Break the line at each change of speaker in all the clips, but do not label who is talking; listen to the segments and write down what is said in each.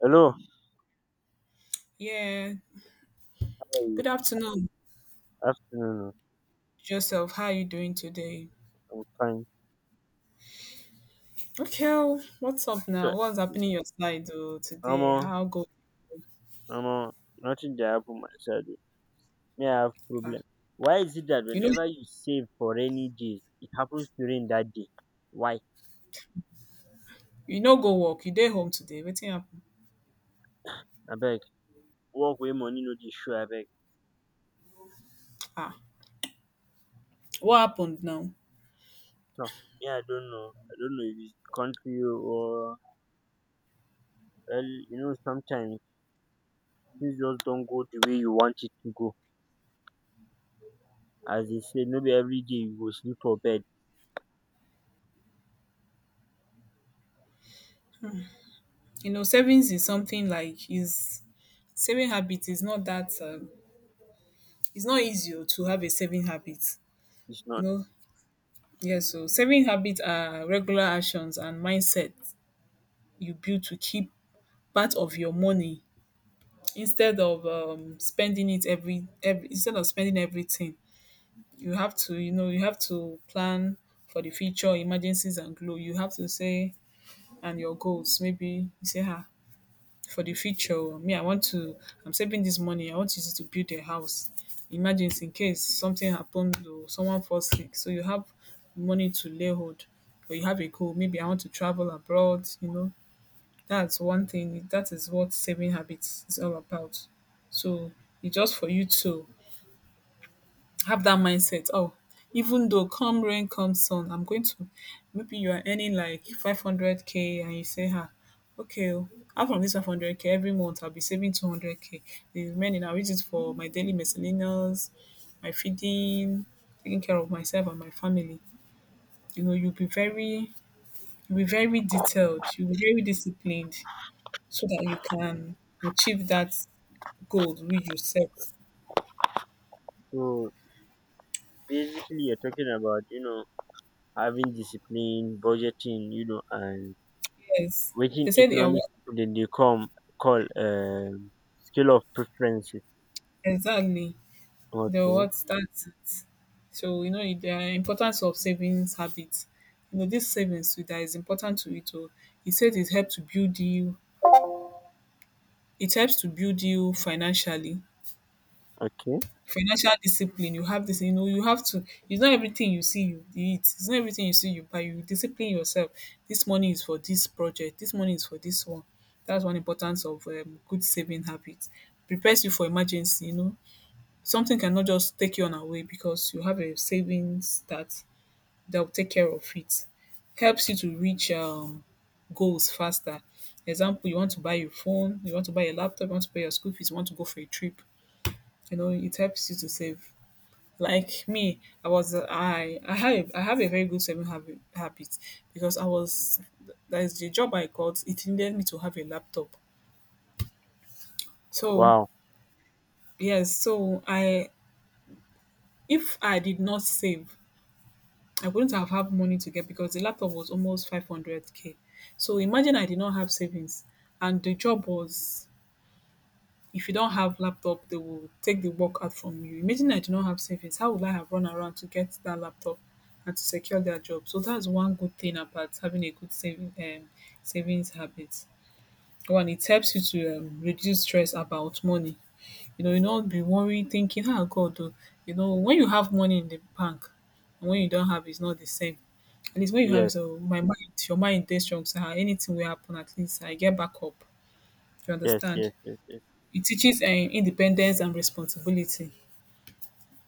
Hello,
Yeah.
how are you?
Good afternoon,
Afternoon.
Joseph. How are you doing today?
I'm fine.
Okay, oh, what's up
So,
now? What's happening your side oh, today?
Amo.
How go?
Amo. Nothing that happened my side, oh. Me, I have
Ah,
problem. Why is it that
you know,
whenever you save for rainy days, it happens during that day? Why?
you know, go work. You day home today. Waiting happen?
Abeg, work where money no dey show abeg.
Ah, what happened now?
So, me, I don't know if it's country or, well, sometimes things just don't go the way you want it to go. As they say, no be every day you go sleep for bed.
You know, savings is something like is saving habit is not that. It's not easy oh, to have a saving habit.
It's
You
not.
know, yeah. So saving habits are regular actions and mindset you build to keep part of your money instead of spending it every instead of spending everything you have to, you know, you have to plan for the future emergencies and glow. You have to say and your goals. Maybe you say, ah, for the future oh, me I want to, I'm saving this money, I want to use it to build a house. Emergency in case something happened or someone falls sick, so you have money to lay hold. Or you have a goal, maybe I want to travel abroad, you know. That's one thing. That is what saving habits is all about. So it's just for you to have that mindset. Oh, even though come rain, come sun, I'm going to. Maybe you are earning like 500k and you say, "Ha, okay, oh, out from this 500k, every month I'll be saving 200k. The remaining, I'll use it for my daily miscellaneous, my feeding, taking care of myself and my family. You know, you'll be very detailed, you'll be very disciplined so that you can achieve that goal which you set."
So basically, you're talking about having discipline, budgeting, and
Yes.
wetin
They said they are
economic
what
people dem dey come call scale of preferences.
exactly. They are
Okay,
what that's it. So you know the importance of savings habits. You know, this savings too, that is important to it. Oh, he said it helps to build you, it helps to build you financially.
okay.
Financial discipline, you have this, you know, you have to. It's not everything you see you eat. It's not everything you see you buy. You discipline yourself. This money is for this project. This money is for this one. That's one importance of good saving habits. Prepares you for emergency. You know, something cannot just take you on away because you have a savings that that will take care of it. Helps you to reach goals faster. Example, you want to buy your phone, you want to buy a laptop, you want to pay your school fees, you want to go for a trip. You know, it helps you to save. Like me, I I have a very good saving habit because I was that is the job I got, it needed me to have a laptop, so
Wow.
yes. So I, if I did not save, I wouldn't have had money to get, because the laptop was almost 500k. So imagine I did not have savings, and the job was, if you don't have laptop they will take the work out from you. Imagine I do not have savings, how would I have run around to get that laptop and to secure that job? So that's one good thing about having a good saving savings habit. One, it helps you to reduce stress about money. You know, you do not be worrying thinking, ah, god oh, you know, when you have money in the bank and when you don't, have it's not the same. At least when you have,
Yes,
so my mind, your mind dey strong, so ah, anything will happen, at least I get back up. You
yes,
understand?
yes, yes, yes.
It teaches independence and responsibility.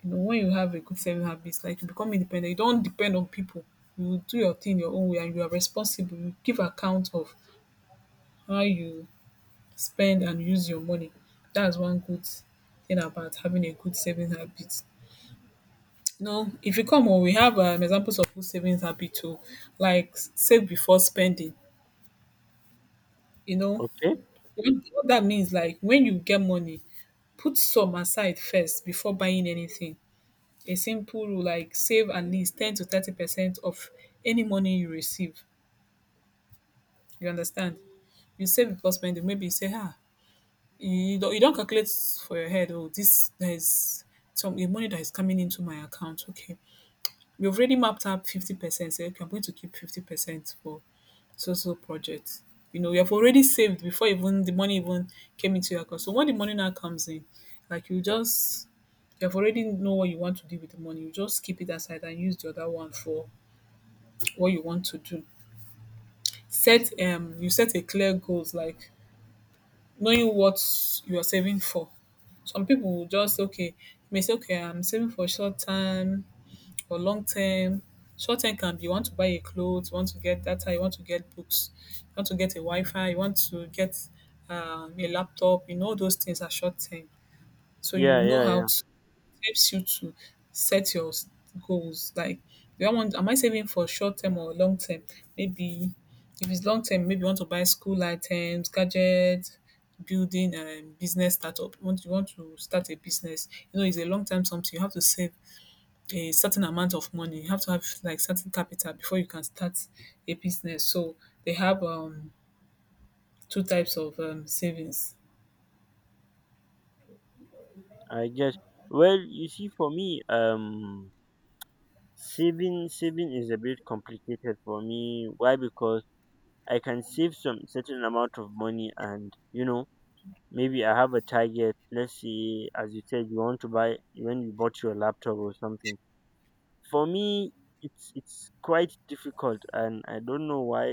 You know, when you have a good saving habits, like you become independent, you don't depend on people. You do your thing your own way and you are responsible. You give account of how you spend and use your money. That's one good thing about having a good saving habit. You know, if you come on, we have examples of good savings habit too, like save before spending. You know,
Okay.
what that means, like when you get money, put some aside first before buying anything. A simple rule like save at least 10 to 30% of any money you receive. You understand? You save before spending. Maybe you say, ah, you don't calculate for your head, oh, this there's some the money that is coming into my account. Okay. You've already mapped out 50%. Say, okay, I'm going to keep 50% for social projects. You know, you have already saved before even the money even came into your account. So when the money now comes in, like you just, you have already know what you want to do with the money. You just keep it aside and use the other one for what you want to do. Set you set a clear goals, like knowing what you are saving for. Some people will just okay, may say, okay, I'm saving for short term or long term. Short term can be you want to buy a clothes, you want to get data, you want to get books, you want to get a Wi-Fi, you want to get a laptop. You know those things are short term, so
Yeah,
you know
yeah,
how
yeah.
to helps you to set your goals. Like, do I want? Am I saving for short term or long term? Maybe if it's long term, maybe you want to buy school items, gadgets, building, and business startup. You want to start a business? You know, it's a long term something. You have to save a certain amount of money. You have to have like certain capital before you can start a business. So they have two types of savings.
I guess. Well, you see, for me, saving is a bit complicated for me. Why? Because I can save some certain amount of money, and maybe I have a target. Let's say, as you said, you want to buy when you bought your laptop or something. For me, it's quite difficult, and I don't know why.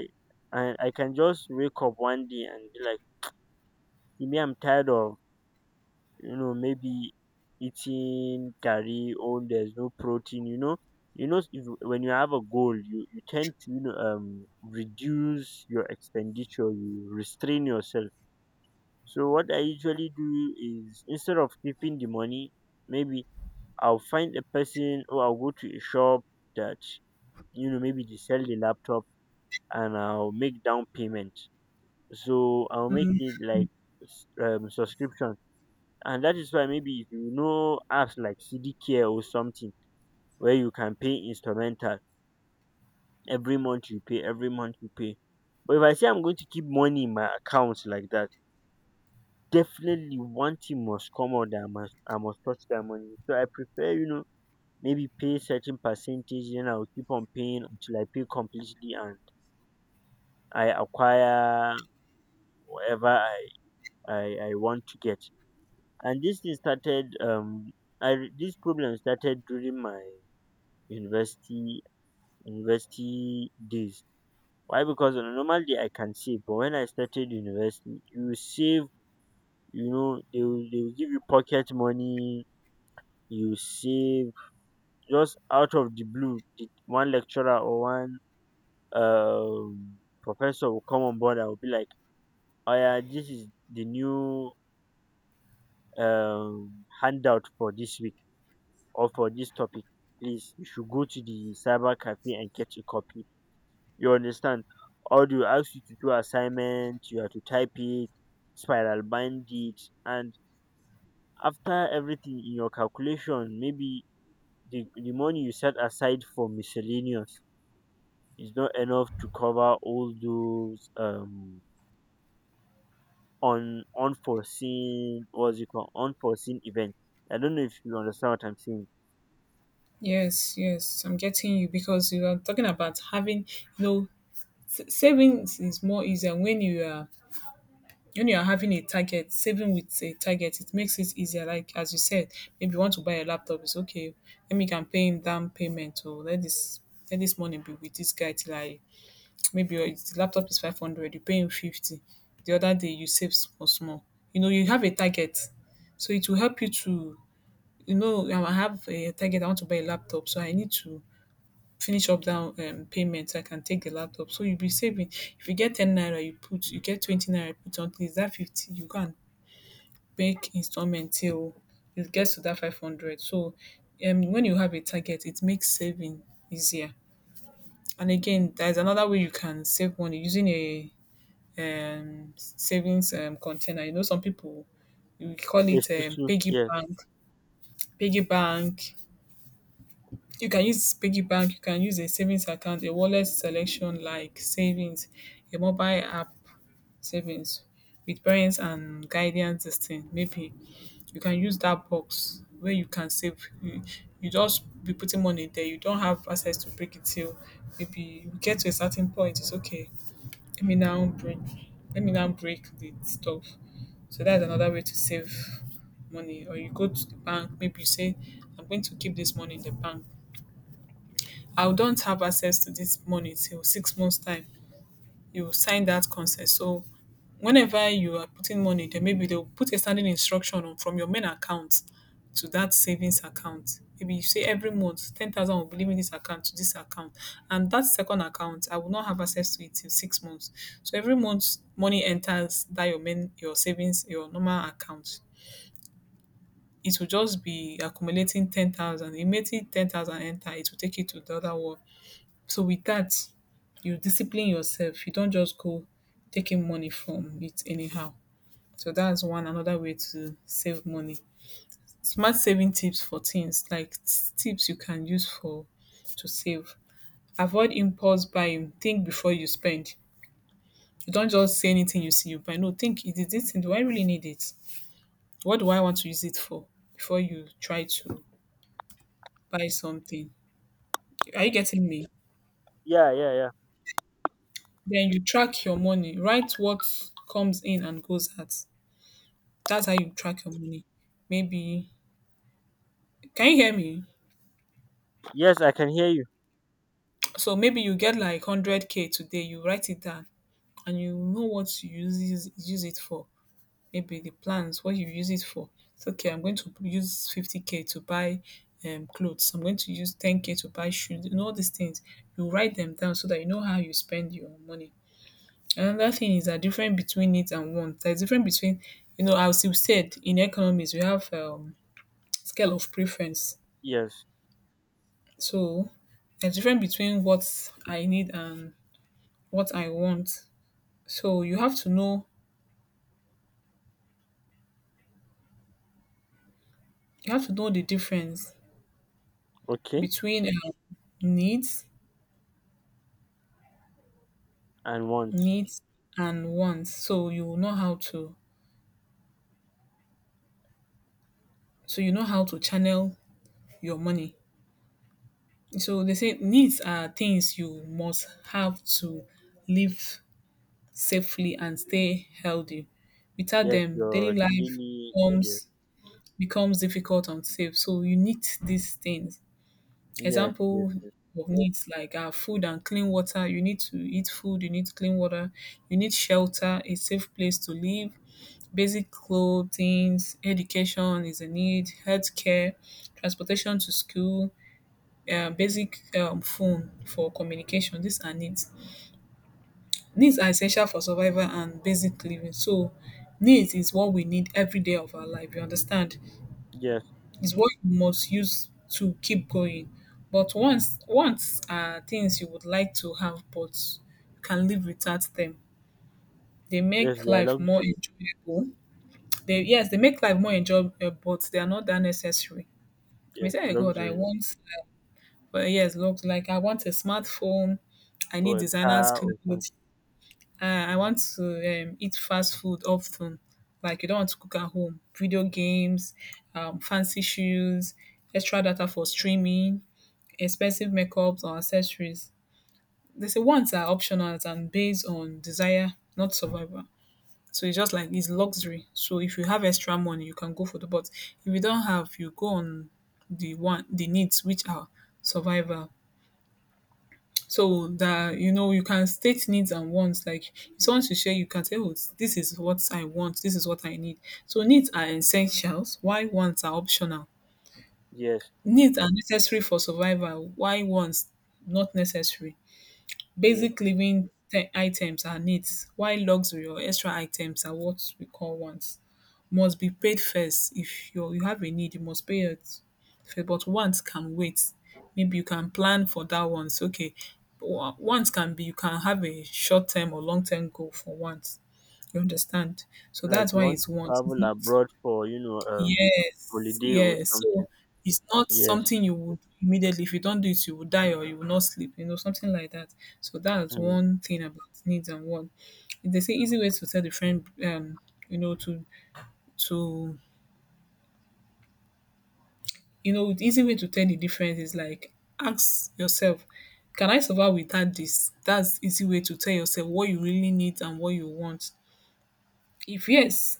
I can just wake up one day and be like, me, I'm tired of, maybe, eating curry, or there's no protein. You know if, When you have a goal, you tend to, reduce your expenditure, you restrain yourself. So what I usually do is, instead of keeping the money, maybe I'll find a person, or I'll go to a shop that, maybe they sell the laptop, and I'll make down payment. So I'll make it like subscription, and that is why, maybe, if you know apps like CD Care or something where you can pay instrumental. Every month you pay. But if I say I'm going to keep money in my account like that, definitely one thing must come out, that I must, I must touch that money. So I prefer, maybe pay certain percentage, then I'll keep on paying until I pay completely, and I acquire whatever I want to get. And this thing started. This problem started during my university university days. Why? Because on a normal day I can save, but when I started university, you save, they will give you pocket money, you save. Just out of the blue, the one lecturer or one um professor will come on board and will be like, oh, yeah, this is the new handout for this week or for this topic. Please, you should go to the cyber cafe and get a copy, you understand? Or they will ask you to do assignment, you have to type it, spiral bind it, and after everything in your calculation, maybe the money you set aside for miscellaneous is not enough to cover all those un, unforeseen what's it called unforeseen events. I don't know if you understand what I'm saying.
Yes, yes, I'm getting you, because you are talking about having, you know, savings is more easier when you are, when you are having a target. Saving with a target, it makes it easier. Like as you said, maybe you want to buy a laptop, it's okay, let me can pay him down payment. Or let this, let this money be with this guy till I maybe your the laptop is 500, you pay him 50, the other day you save small small. You know, you have a target, so it will help you to, you know, I have a target, I want to buy a laptop, so I need to finish up down payment, so I can take the laptop. So you'll be saving. If you get 10 naira, you put, you get 20 naira, you put on is that 50, you can make installment till it gets to that 500. So when you have a target, it makes saving easier. And again, there's another way you can save money, using a savings container. You know, some people, we call
It's
it
too true. Yes.
piggy bank, You can use piggy bank, you can use a savings account, a wallet selection like savings, a mobile app savings with parents and guidance system. Maybe you can use that box where you can save. You just be putting money there. You don't have access to break it till maybe you get to a certain point. It's okay. Let me now break. Let me now break the stuff. So that's another way to save money. Or you go to the bank. Maybe you say, I'm going to keep this money in the bank, I don't have access to this money till 6 months time. You sign that consent. So whenever you are putting money there, maybe they'll put a standing instruction on, from your main account to that savings account. Maybe you say every month 10,000 will be leaving this account to this account, and that second account I will not have access to it till 6 months. So every month money enters that your main, your savings, your normal account. It will just be accumulating 10,000. It makes it 10,000 enter, it will take it to the other one. So with that, you discipline yourself. You don't just go taking money from it anyhow. So that's one another way to save money. Smart saving tips, for things like tips you can use for to save. Avoid impulse buying. Think before you spend. You don't just say anything you see you buy. No, think, is this thing, do I really need it? What do I want to use it for? Before you try to buy something. Are you getting me?
Yeah, yeah, yeah.
Then you track your money. Write what comes in and goes out. That's how you track your money. Maybe, can you hear me?
Yes, I can hear you.
So maybe you get like 100k k today. You write it down and you know what you use it for. Maybe the plans what you use it for. It's okay. I'm going to use 50k k to buy clothes. I'm going to use ten k to buy shoes. You know all these things. You write them down so that you know how you spend your money. Another thing is that different between it and want. There's different between you know as you said in economics we have scale of preference.
Yes.
So there's difference between what I need and what I want. So you have to know the difference
Okay.
between needs
And once.
needs and wants. So you will know how to, so you know how to channel your money. So they say needs are things you must have to live safely and stay healthy. Without
Yes,
them,
your
daily life
daily, yes.
becomes becomes difficult and safe. So you need these things,
Yes, yes,
example
yes.
of needs like food and clean water. You need to eat food, you need clean water, you need shelter, a safe place to live, basic clothing, education is a need, healthcare, transportation to school, basic phone for communication. These are needs. Needs are essential for survival and basic living. So, needs is what we need every day of our life. You understand?
Yes.
Is what you must use to keep going. But once, are things you would like to have but you can live without them. They
Yes,
make
they are
life more
luxury.
enjoyable. They, yes, they make life more enjoyable, but they are not that necessary. We
Yes,
say, "Oh God, I
luxury.
want but yes, look like I want a smartphone. I need
Or a
designers
car or something.
clothes. Uh, I want to eat fast food often. Like you don't want to cook at home. Video games, fancy shoes, extra data for streaming, expensive makeups or accessories. They say wants are optional and based on desire, not survival. So it's just like it's luxury. So if you have extra money, you can go for the, but if you don't have, you go on the one, the needs which are survival. So that you know you can state needs and wants. Like if someone to share, you can say, oh, this is what I want, this is what I need. So needs are essentials, why wants are optional.
Yes,
Needs are necessary for survival, why wants not necessary.
yes.
Basic living items are needs, while luxury or extra items are what we call wants. Must be paid first. If you're, you have a need, you must pay it first. But wants can wait. Maybe you can plan for that once. Okay, wants can be, you can have a short term or long term goal for wants. You understand? So
Like
that's
you
why
want
it's
to
wants. It's
travel
not.
abroad for,
Yes,
holiday or
yes.
something.
So it's not
Yes.
something you would immediately, if you don't do it, you will die or you will not sleep, you know, something like that. So that's
Mm.
one thing about needs and want. They say easy way to tell the friend, you know, to you know, easy way to tell the difference is like ask yourself, can I survive without this? That's easy way to tell yourself what you really need and what you want. If yes,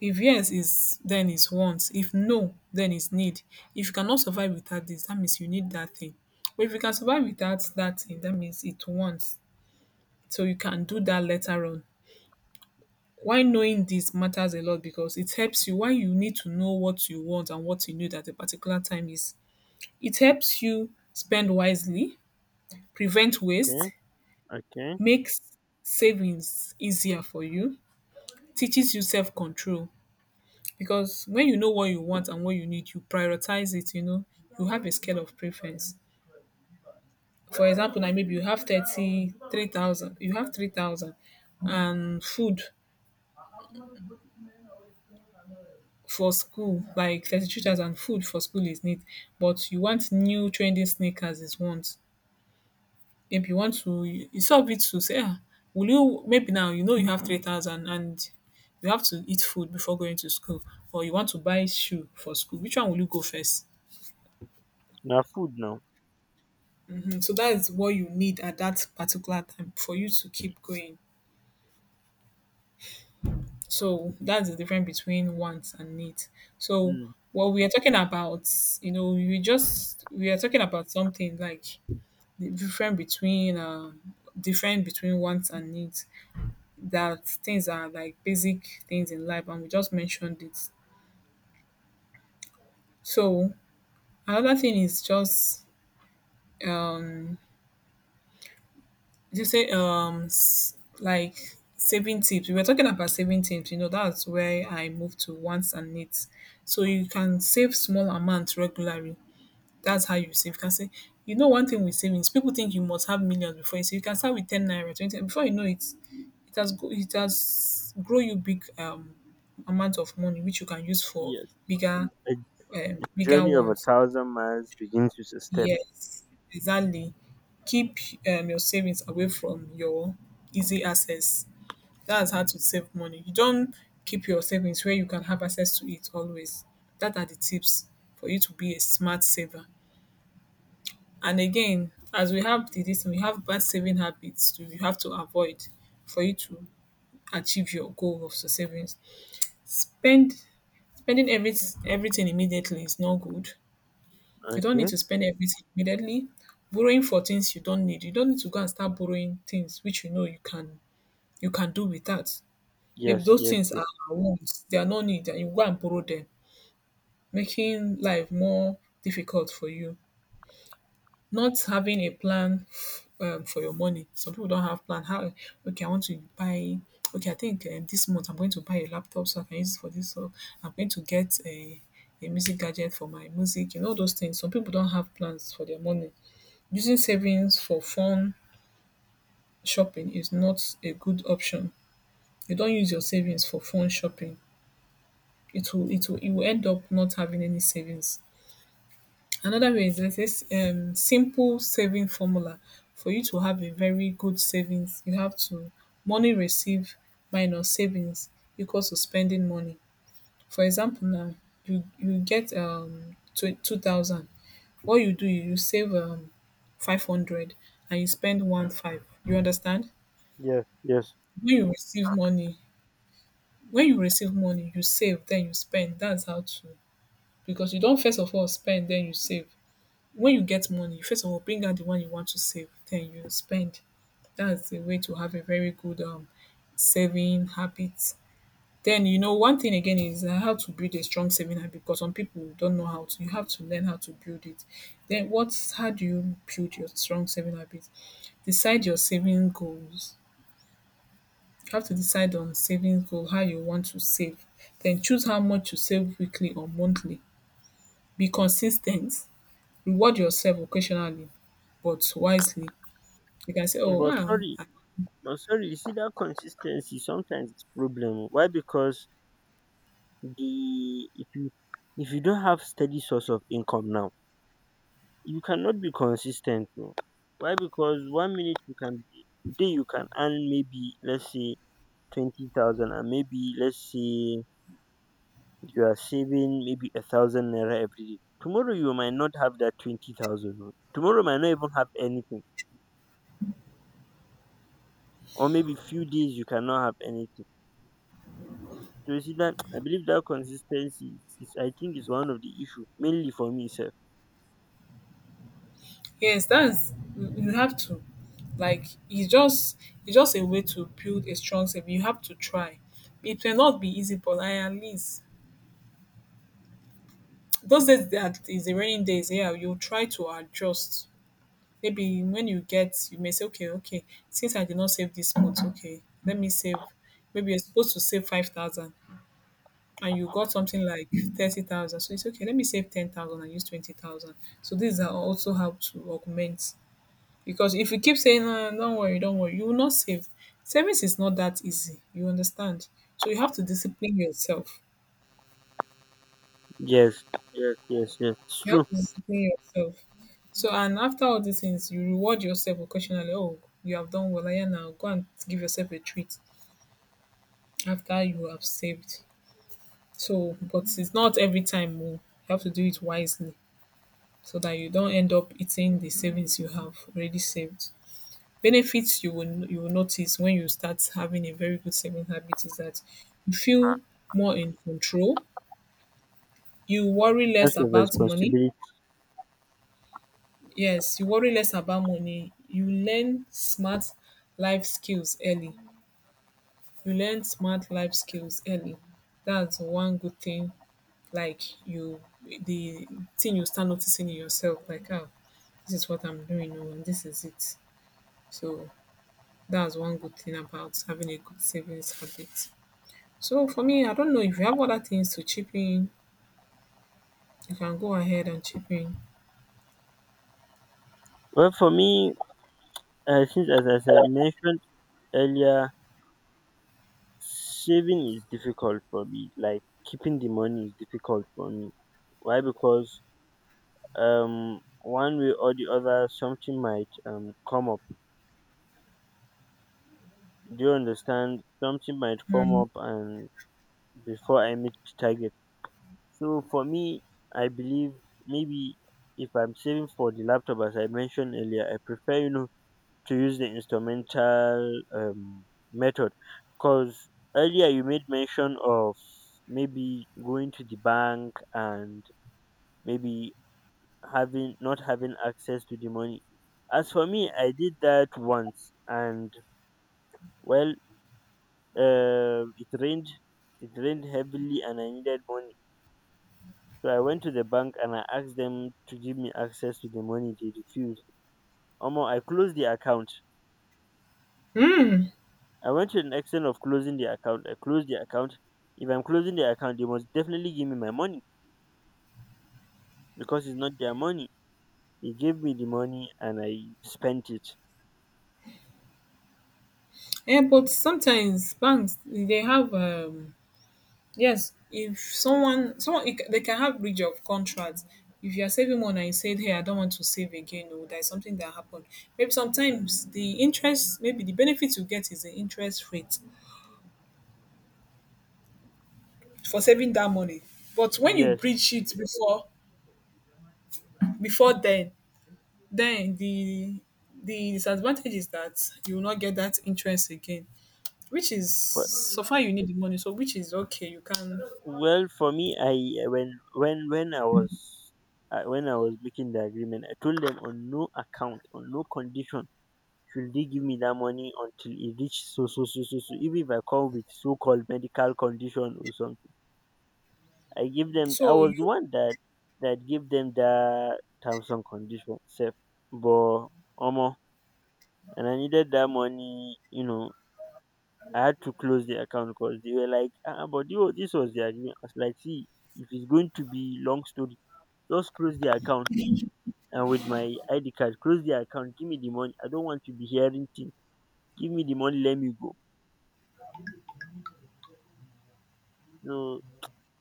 if yes is then is want, if no then is need. If you cannot survive without this, that means you need that thing, but if you can survive without that thing, that means it wants, so you can do that later on. Why knowing this matters a lot, because it helps you, why you need to know what you want and what you need at a particular time is, it helps you spend wisely, prevent
Okay.
waste,
Okay.
makes savings easier for you, teaches you self-control, because when you know what you want and what you need you prioritize it, you know, you have a scale of preference. For example, now maybe you have 33,000. You have 3,000 and food for school, like 33,000, food for school is need, but you want new trendy sneakers is want. Maybe you want to, it's of it to say ah, will you maybe now you know you have 3,000 and you have to eat food before going to school or you want to buy shoe for school, which one will you go first?
Now food now.
So that's what you need at that particular time for you to keep going. So that's the difference between wants and needs. So
Mm,
what we are talking about, you know, we are talking about something like the difference between wants and needs. That things are like basic things in life, and we just mentioned it. So another thing is just um did you say like saving tips? We were talking about saving tips, you know, that's where I moved to wants and needs. So you can save small amounts regularly. That's how you save. You can say, you know, one thing with savings, people think you must have millions before you save. You can start with 10 naira, 20, before you know it, it has go it has grow you big amount of money which you can use for
yes.
bigger
A
bigger
journey of a
ones.
thousand miles begins with a step.
Yes, exactly. Keep your savings away from your easy access. That's how to save money. You don't keep your savings where you can have access to it always. That are the tips for you to be a smart saver. And again, as we have the this, we have bad saving habits too. You have to avoid for you to achieve your goal of savings. Spend spending everything immediately is not good. You don't need
Okay.
to spend everything immediately. Borrowing for things you don't need. You don't need to go and start borrowing things which you know you can do without. Maybe
Yes,
those
yes,
things
yes.
are her wants, they are no need and you go and borrow them, making life more difficult for you. Not having a plan for your money. Some people don't have plan. How, okay, I want to buy. Okay, I think this month I'm going to buy a laptop so I can use it for this. So I'm going to get a music gadget for my music. You know those things. Some people don't have plans for their money. Using savings for fun shopping is not a good option. You don't use your savings for fun shopping. It will you will end up not having any savings. Another way is, there's this simple saving formula. For you to have a very good savings, you have to, money received minus savings equals to spending money. For example, now you get 2,000. What you do, you save 500 and you spend one five. You understand?
Yes, yes.
When you receive money, when you receive money, you save, then you spend. That's how to, because you don't first of all spend then you save. When you get money you first of all bring out the one you want to save then you spend. That's the way to have a very good saving habit. Then you know one thing again is how to build a strong saving habit, because some people don't know how to. You have to learn how to build it. Then what's, how do you build your strong saving habit? Decide your saving goals. You have to decide on saving goal, how you want to save. Then choose how much you save weekly or monthly. Be consistent. Reward yourself occasionally, but wisely. You can say, "Oh,
But
wow,
sorry, but sorry, you see that consistency sometimes it's problem, oh. Why? Because the if you don't have steady source of income now, you cannot be consistent, oh. Why? Because one minute you can be, today you can earn, maybe let's say, 20,000, and maybe let's say, you are saving maybe 1,000 naira every day. Tomorrow you might not have that 20,000, oh. Tomorrow might not even have anything, or maybe few days you cannot have anything. So you see that I believe that consistency is, I think, is one of the issue mainly for me, sir.
yes, that's you have to." Like it's just a way to build a strong self. You have to try. It may not be easy, but I at least, those days that is the raining days, yeah, you try to adjust. Maybe when you get, you may say, okay, since I did not save this month, okay, let me save. Maybe you're supposed to save 5,000, and you got something like 30,000. So it's okay, let me save 10,000 and use 20,000. So these are also how to augment. Because if you keep saying, "Ah, don't worry, you will not save. Savings is not that easy. You understand? So you have to discipline yourself.
Yes, yes, yes, yes. It's
You
true.
have to discipline yourself. So, and after all these things, you reward yourself occasionally. Oh, you have done well. Yeah, now go and give yourself a treat after you have saved. So, but it's not every time. Oh. You have to do it wisely, so that you don't end up eating the savings you have already saved. Benefits you will, notice when you start having a very good saving habit is that you feel more in control. You worry less
Sense of
about money.
responsibility.
Yes, you worry less about money. Life skills early. You learn smart life skills early. That's one good thing. Like you, the thing you start noticing in yourself, like ah, this is what I'm doing, oh, and this is it. So that's one good thing about having a good savings habit. So for me, I don't know if you have other things to chip in, you can go ahead and chip in.
Well, for me, since, as I mentioned earlier, saving is difficult for me. Like, keeping the money is difficult for me. Why? Because, one way or the other, something might, come up. Do you understand? Something might come up, and before I meet the target. So for me, I believe, maybe, if I'm saving for the laptop, as I mentioned earlier, I prefer, to use the instrumental method. Because earlier you made mention of maybe going to the bank and maybe having not having access to the money. As for me, I did that once, and, well, uh, it rained, it rained heavily, and I needed money. So I went to the bank and I asked them to give me access to the money. They refused. Omo, I closed the account. I went to an extent of closing the account. I closed the account. If I'm closing the account, they must definitely give me my money, because it's not their money. They gave me the money and I spent it.
Yeah, but sometimes banks they have yes, if someone they can have breach of contract. If you are saving one and you said, "Hey, I don't want to save again," or there's something that happened. Maybe sometimes the interest, maybe the benefit you get is the interest rate for saving that money. But when you
Yes,
breach it before then the disadvantage is that you will not get that interest again, which is
but.
so far you need the money, so which is okay. You can
Well, for me, I when when when I was when I was making the agreement, I told them on no account, on no condition should they give me that money until it reaches so so so so so. Even if I come with so-called medical condition or something, I give them. I
so you
was the one that gave them the terms and condition, safe. But, Omo, and I needed that money. You know, I had to close the account because they were like, ah, but you, this was the agreement. I was like, see, if it's going to be long story, just close the account, and with my ID card, close the account, give me the money. I don't want to be hearing things. Give me the money, let me go. No,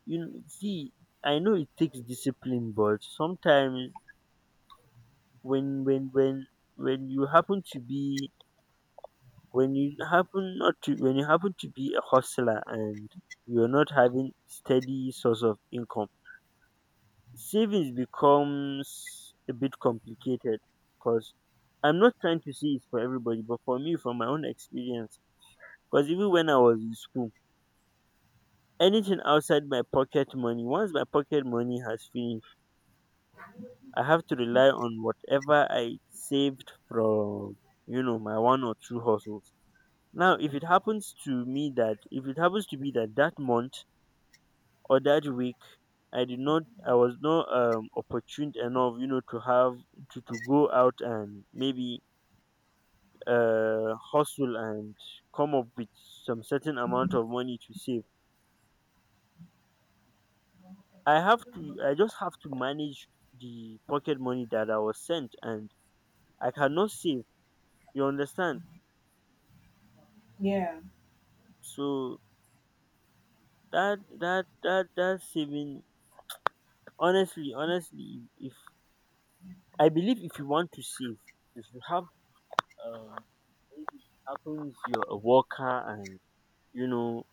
you know, see, I know it takes discipline, but sometimes, when when when when you happen to be when you happen not to when you happen to be a hustler, and you're not having steady source of income, savings becomes a bit complicated. Because I'm not trying to say it's for everybody, but for me, from my own experience. Because even when I was in school, anything outside my pocket money, once my pocket money has finished, I have to rely on whatever I saved from, my one or two hustles. Now, if it happens to me that, if it happens to be that that month or that week, I was not opportune enough, to have, to go out and maybe, hustle and come up with some certain amount of money to save. I just have to manage the pocket money that I was sent, and I cannot save. You understand?
yeah.
So that saving, honestly, if I believe, if you want to save, if you have, uh maybe it happens you're a worker and, you know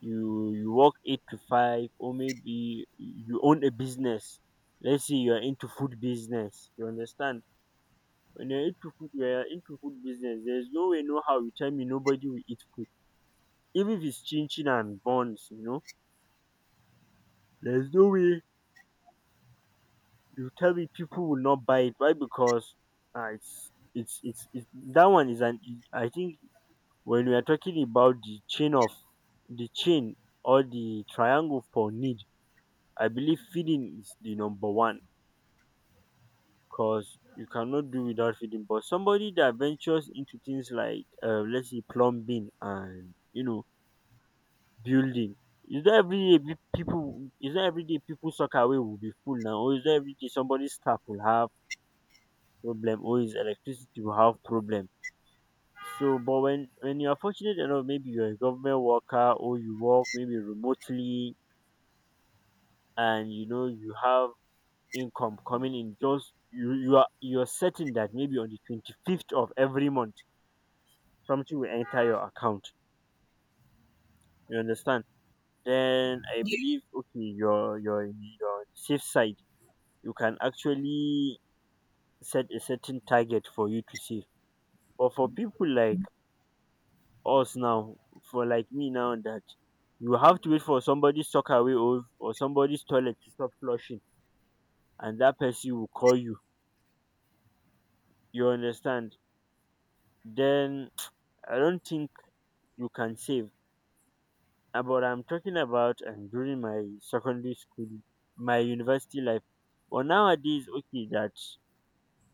you work 8 to 5, or maybe you own a business. Let's say you're into food business, you understand? When you're into food, you are into food business. There's no way, no how you tell me nobody will eat food. Even if it's chin chin and buns, there's no way you tell me people will not buy it. Why? Because, it's that one is an. I think when we are talking about the chain or the triangle for need, I believe feeding is the number one, because you cannot do without feeding. But somebody that ventures into things like, let's say, plumbing and, building. It's not every day, people socket wey will be full now, or it's not every day somebody's staff will have problem, or his electricity will have problem. So, but when you are fortunate enough, maybe you're a government worker, or you work, maybe, remotely, and you have income coming in. Just you're certain that, maybe, on the 25th of every month, something will enter your account. You understand? Then I believe, okay, you're on the safe side, you can actually set a certain target for you to save. But for people like us now, for like me now, that you have to wait for somebody's away, or somebody's toilet to stop flushing, and that person will call you. You understand? Then I don't think you can save. But I'm talking about, and during my secondary school, my university life. But nowadays, okay, that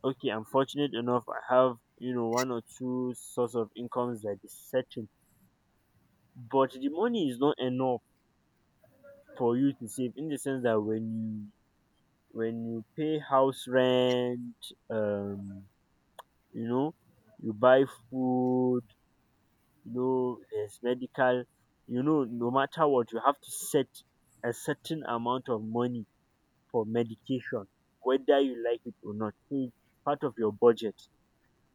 okay, I'm fortunate enough. I have one or two source of incomes that is certain, but the money is not enough for you to save, in the sense that when you pay house rent, um you know you buy food, you know there's medical, you know no matter what you have to set a certain amount of money for medication, whether you like it or not. So it's part of your budget,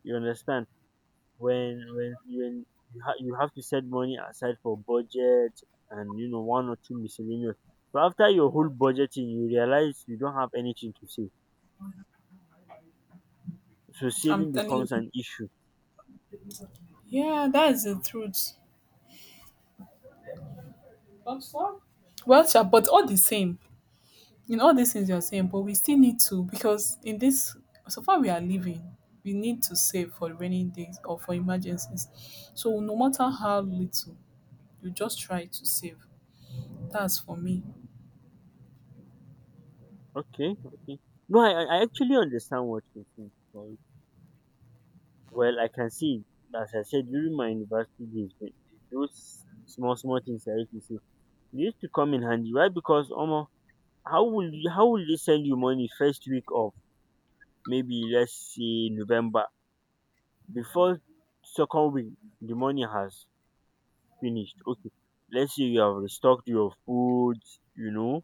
you understand? When you have to set money aside for budget and, you know, one or two miscellaneous. So after your whole budgeting you realize you don't have anything to save, so
I'm
saving
telling
becomes
you.
an issue.
Yeah, that is the truth. But what? Well, sure, but all the same, in all these things you're saying, but we still need to because in this so far we are living, we need to save for rainy days or for emergencies. So no matter how little, you just try to save. That's for me.
Okay, okay. No, I actually understand what you think. Well, I can see, as I said, during my university days. But those small small things I used to say, they used to come in handy. Why? Because almost, how will they send you money first week of, maybe let's say, November? Before second week the money has finished. Okay, let's say you have restocked your foods, you know.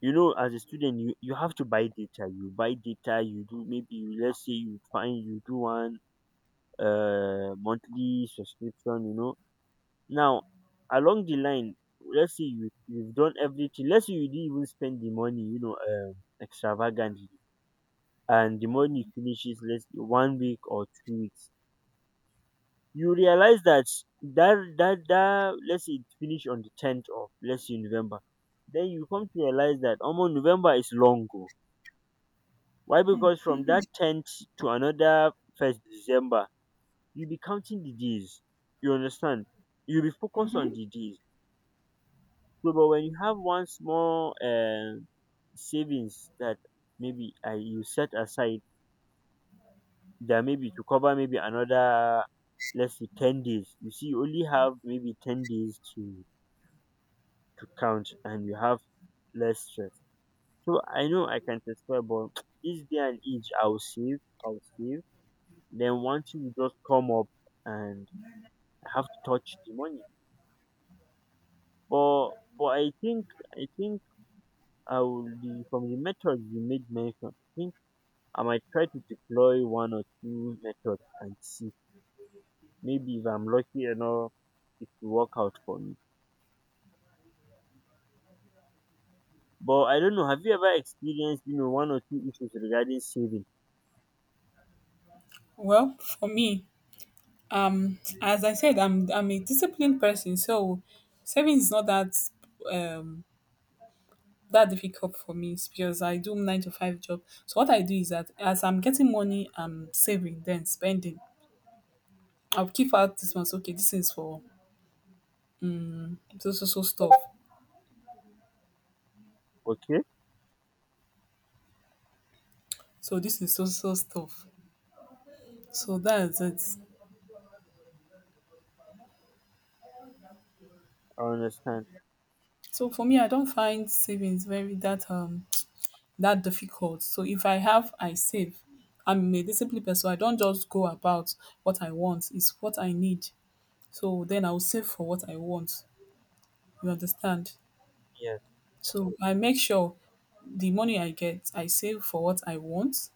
You know, as a student, you have to buy data. You buy data, you do maybe, you let's say you find you do one monthly subscription, you know. Now along the line, let's say you you've done everything, let's say you didn't even spend the money, you know, extravagantly, and the money finishes, let's say 1 week or 2 weeks. You realize that that let's say it finish on the tenth of, let's say, November, then you come to realize that almost November is long o. Why? Because from that tenth to another first December, you be counting the days. You understand? You be focused on the days. So, but when you have one small savings that maybe you set aside, there maybe to cover maybe another, let's say, 10 days. You see, you only have maybe 10 days to count, and you have less stress. So I know I can testify, but this day and age, I'll save. Then one thing will just come up and I have to touch the money. But but I think I think I will be, from the methods you made mention. I think I might try to deploy one or two methods and see. Maybe if I'm lucky enough, it will work out for me. But I don't know. Have you ever experienced, you know, one or two issues regarding saving?
Well, for me, as I said, I'm a disciplined person, so saving is not that um that difficult for me. It's because I do nine to five job, so what I do is that as I'm getting money, I'm saving then spending. I'll keep out this month. Okay, this is for so so so stuff,
Okay,
so this is so so stuff, so that's it.
I understand.
So for me, I don't find savings very that that difficult, so if I have, I save. I'm a disciplined person, so I don't just go about what I want, it's what I need. So then I'll save for what I want. You understand?
Yeah.
So I make sure the money I get, I save for what I want.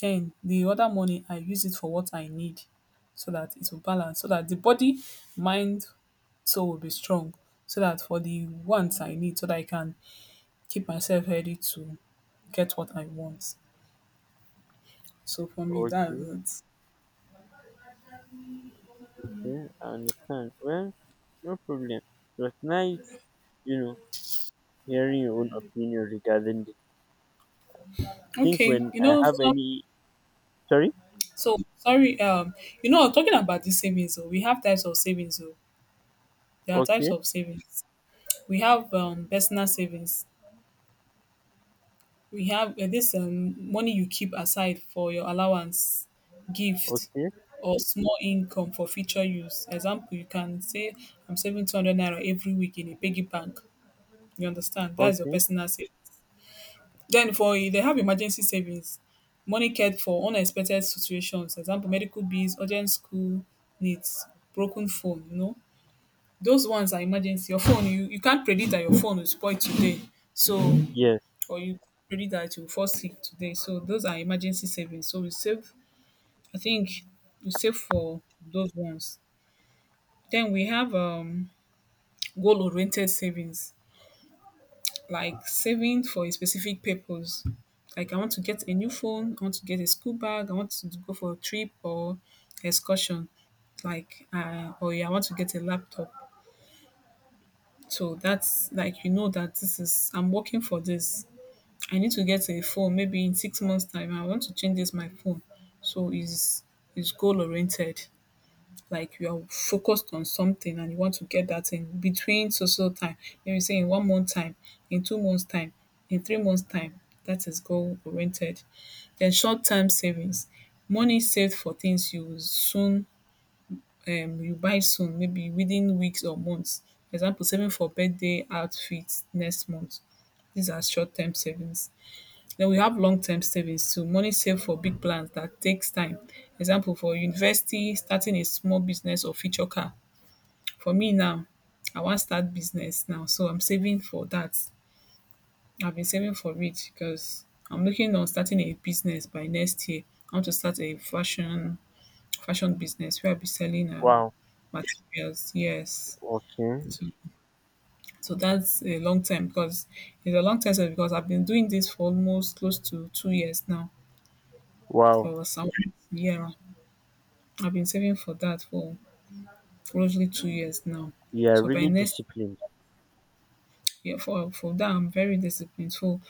Then the other money, I use it for what I need, so that it will balance, so that the body, mind, soul will be strong. So that for the wants I need, so that I can keep myself ready to get what I want. So for me,
Okay,
that's
okay, I understand. Well, no problem. It was nice, you know, hearing your own opinion regarding this. I
it.
think
Okay,
when
you
I
know,
have
so,
any, sorry,
so sorry. You know, talking about the savings, oh, we have types of savings. Oh, there are types
okay,
of savings. We have personal savings. We have this money you keep aside for your allowance, gift,
okay,
or small income for future use. Example, you can say, I'm saving 200 naira every week in a piggy bank. You understand? That's your
okay,
personal savings. Then for they have emergency savings, money cared for unexpected situations. Example, medical bills, urgent school needs, broken phone, you know. Those ones are emergency. Your phone, you can't predict that your phone will spoil today. So,
yes,
or you predict that you'll fall sick today. So, those are emergency savings. So, we save, I think we save for those ones. Then we have goal oriented savings, like saving for a specific purpose. Like, I want to get a new phone, I want to get a school bag, I want to go for a trip or excursion, like, or yeah, I want to get a laptop. So that's like you know that this is I'm working for this. I need to get a phone maybe in 6 months time. I want to change this my phone. So is goal oriented. Like you are focused on something and you want to get that in between social time. Maybe say in one month time, in 2 months time, in 3 months time. That is goal oriented. Then short term savings. Money saved for things you will soon you buy soon maybe within weeks or months. Example, saving for birthday outfit next month. These are short term savings. Then we have long term savings too. Money saved for big plans that takes time. Example, for university, starting a small business or future car. For me now, I wan start business now, so I'm saving for that. I've been saving for it because I'm looking on starting a business by next year. I want to start a fashion business where I'll be selling
wow,
materials, yes.
okay,
So, so that's a long time because it's a long time so because I've been doing this for almost close to 2 years now
wow,
for some, yeah, I've been saving for that for closely 2 years now.
you are
So by
really
next
disciplined.
year for that I'm very disciplined. So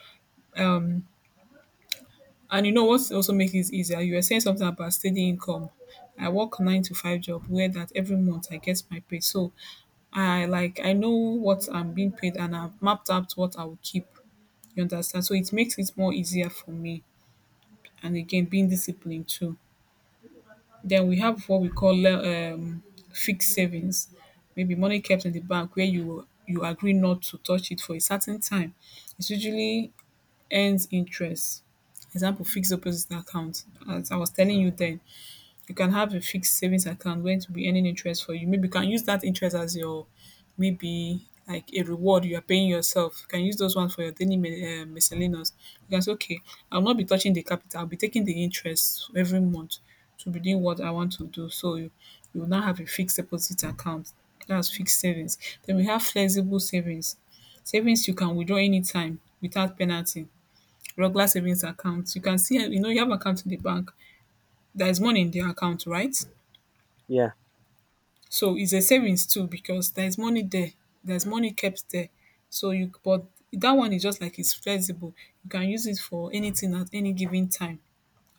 and you know what also makes it easier, you were saying something about steady income. I work nine to five job where that every month I get my pay. So I like I know what I'm being paid, and I've mapped out what I will keep. You understand? So it makes it more easier for me, and again being disciplined too. Then we have what we call fixed savings, maybe money kept in the bank where you agree not to touch it for a certain time. It usually earns interest. Example, fixed deposit account. As I was telling you then, you can have a fixed savings account where it will be earning interest for you. Maybe you can use that interest as your maybe like a reward you are paying yourself. You can use those ones for your daily miscellaneous. You can say, okay, I'll not be touching the capital. I'll be taking the interest every month to be doing what I want to do. So you will now have a fixed deposit account. That's fixed savings. Then we have flexible savings. Savings you can withdraw anytime without penalty. Regular savings accounts. You can see, you know, you have account in the bank. There is money in the account, right?
Yeah,
So it's a savings too because there's money there. There's money kept there. So you but that one is just like it's flexible. You can use it for anything at any given time.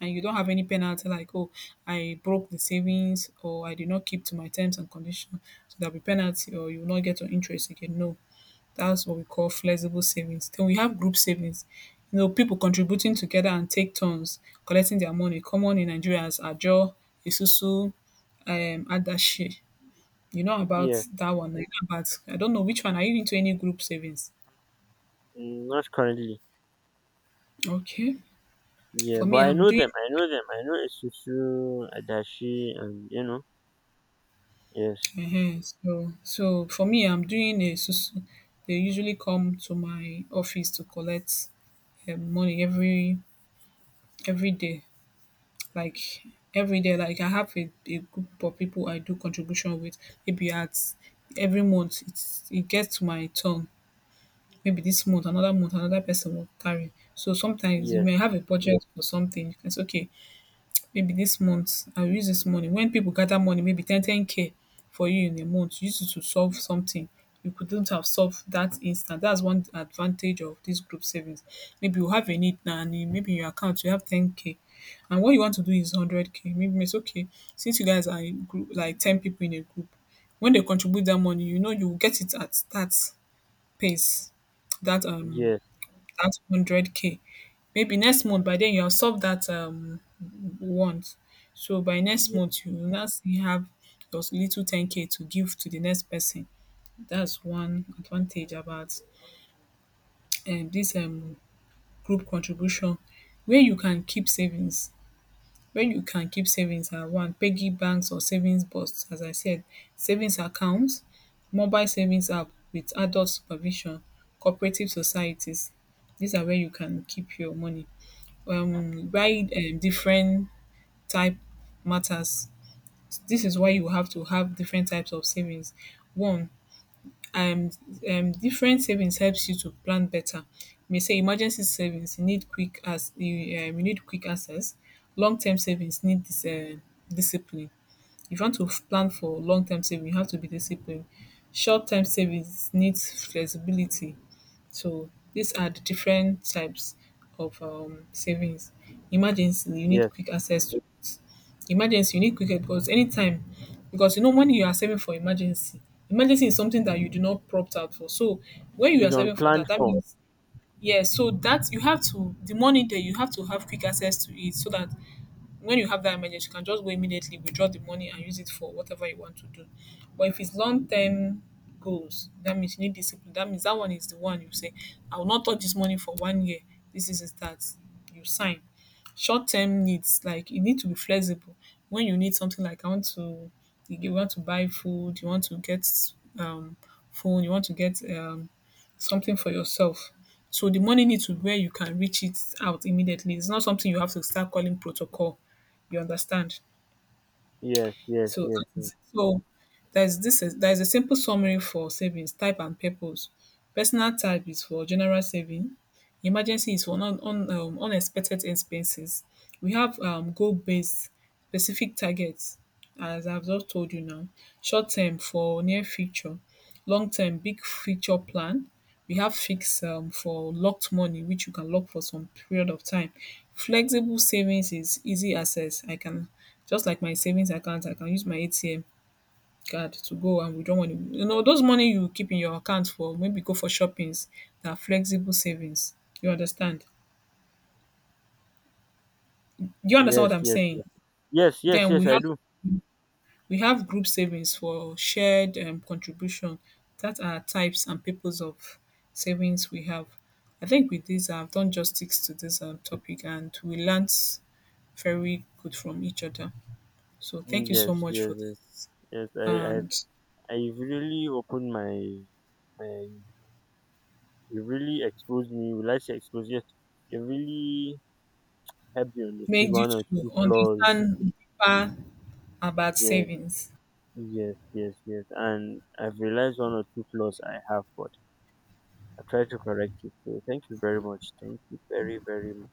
And you don't have any penalty like, oh, I broke the savings or I did not keep to my terms and conditions. So there'll be penalty or you will not get your interest again. No. That's what we call flexible savings. Then we have group savings. You know, people contributing together and take turns collecting their money. Common in Nigeria as Ajo, Isusu, Adashi. You know about
yeah,
that one. I know about I don't know which one. Are you into any group savings?
mm, not currently.
Okay.
Yeah,
For
but
me,
I
I'm
know
doing
them, I know Isusu, Adachi, and you know, yes,
for me, I'm doing a susu. They usually come to my office to collect money every day. Like every day, like I have a group of people I do contribution with. Maybe at every month, it's, it gets to my turn. Maybe this month, another person will carry. So sometimes you
yes,
may have a budget for something. You can say, okay, maybe this month I will use this money. When people gather money maybe ten k for you in a month, use it to solve something you couldn't have solved that instant. That's one advantage of this group savings. Maybe you have a need now and in maybe in your account you have ten k and what you want to do is hundred k. Maybe it's okay since you guys are in group like ten people in a group, when they contribute that money you know you will get it at that pace that
yes,
that hundred k. Maybe next month by then you have solved that want, so by next
yes,
month you will now still have your little ten k to give to the next person. That's one advantage about this group contribution wey you can keep savings. When you can keep savings na one piggy banks or savings box, as I said, savings account, mobile savings app with adult supervision, cooperative societies, these are where you can keep your money. Why different type matters. This is why you have to have different types of savings. One, um, different savings helps you to plan better. You may say emergency savings you need quick as you need quick access. Long term savings need this discipline. If you want to plan for long term saving, you have to be disciplined. Short term savings needs flexibility. So these are the different types of savings. Emergency, you need
yes,
quick access to it. Emergency, you need quick because anytime, because you know when you are saving for emergency, emergency is something that you do not prompt out for. So when you
is
are
on
saving for
plan
that, that
for.
means yeah. So that you have to the money there, you have to have quick access to it so that when you have that emergency, you can just go immediately withdraw the money and use it for whatever you want to do. But if it's long term goals, that means you need discipline. That means that one is the one you say, I will not touch this money for 1 year. This is it that you sign. Short term needs, like you need to be flexible. When you need something like I want to you want to buy food, you want to get um phone, you want to get something for yourself. So the money needs to where you can reach it out immediately. It's not something you have to start calling protocol, you understand?
Yes, yes,
So
yes,
that
yes.
is so there's this is there's a simple summary for savings, type and purpose. Personal type is for general saving. Emergency is for unexpected expenses. We have goal-based specific targets, as I've just told you now. Short term for near future, long term big future plan, we have fixed for locked money which you can lock for some period of time. Flexible savings is easy access. I can just like my savings account, I can use my ATM card to go and withdraw money, you know those money you keep in your account for maybe go for shoppings, na flexible savings. You understand? Do you understand what
Yes,
I'm
yes,
saying?
yes. Yes, yes,
Then
yes,
we
I
have
do.
we have group savings for shared contribution. That are types and purpose of savings we have. I think with this, I've done justice to this topic, and we learned very good from each other. So
Mm,
thank you so
yes,
much for
yes,
this
yes, yes.
and
I, you've really opened my. You really exposed me. Will I say exposed? Yes. You really helped me understand
made you
one or
to
two flaws.
understand deeper about
Yes,
savings.
yes, yes, yes. And I've realized one or two flaws I have, but I try to correct it. So thank you very much. Thank you very, very much.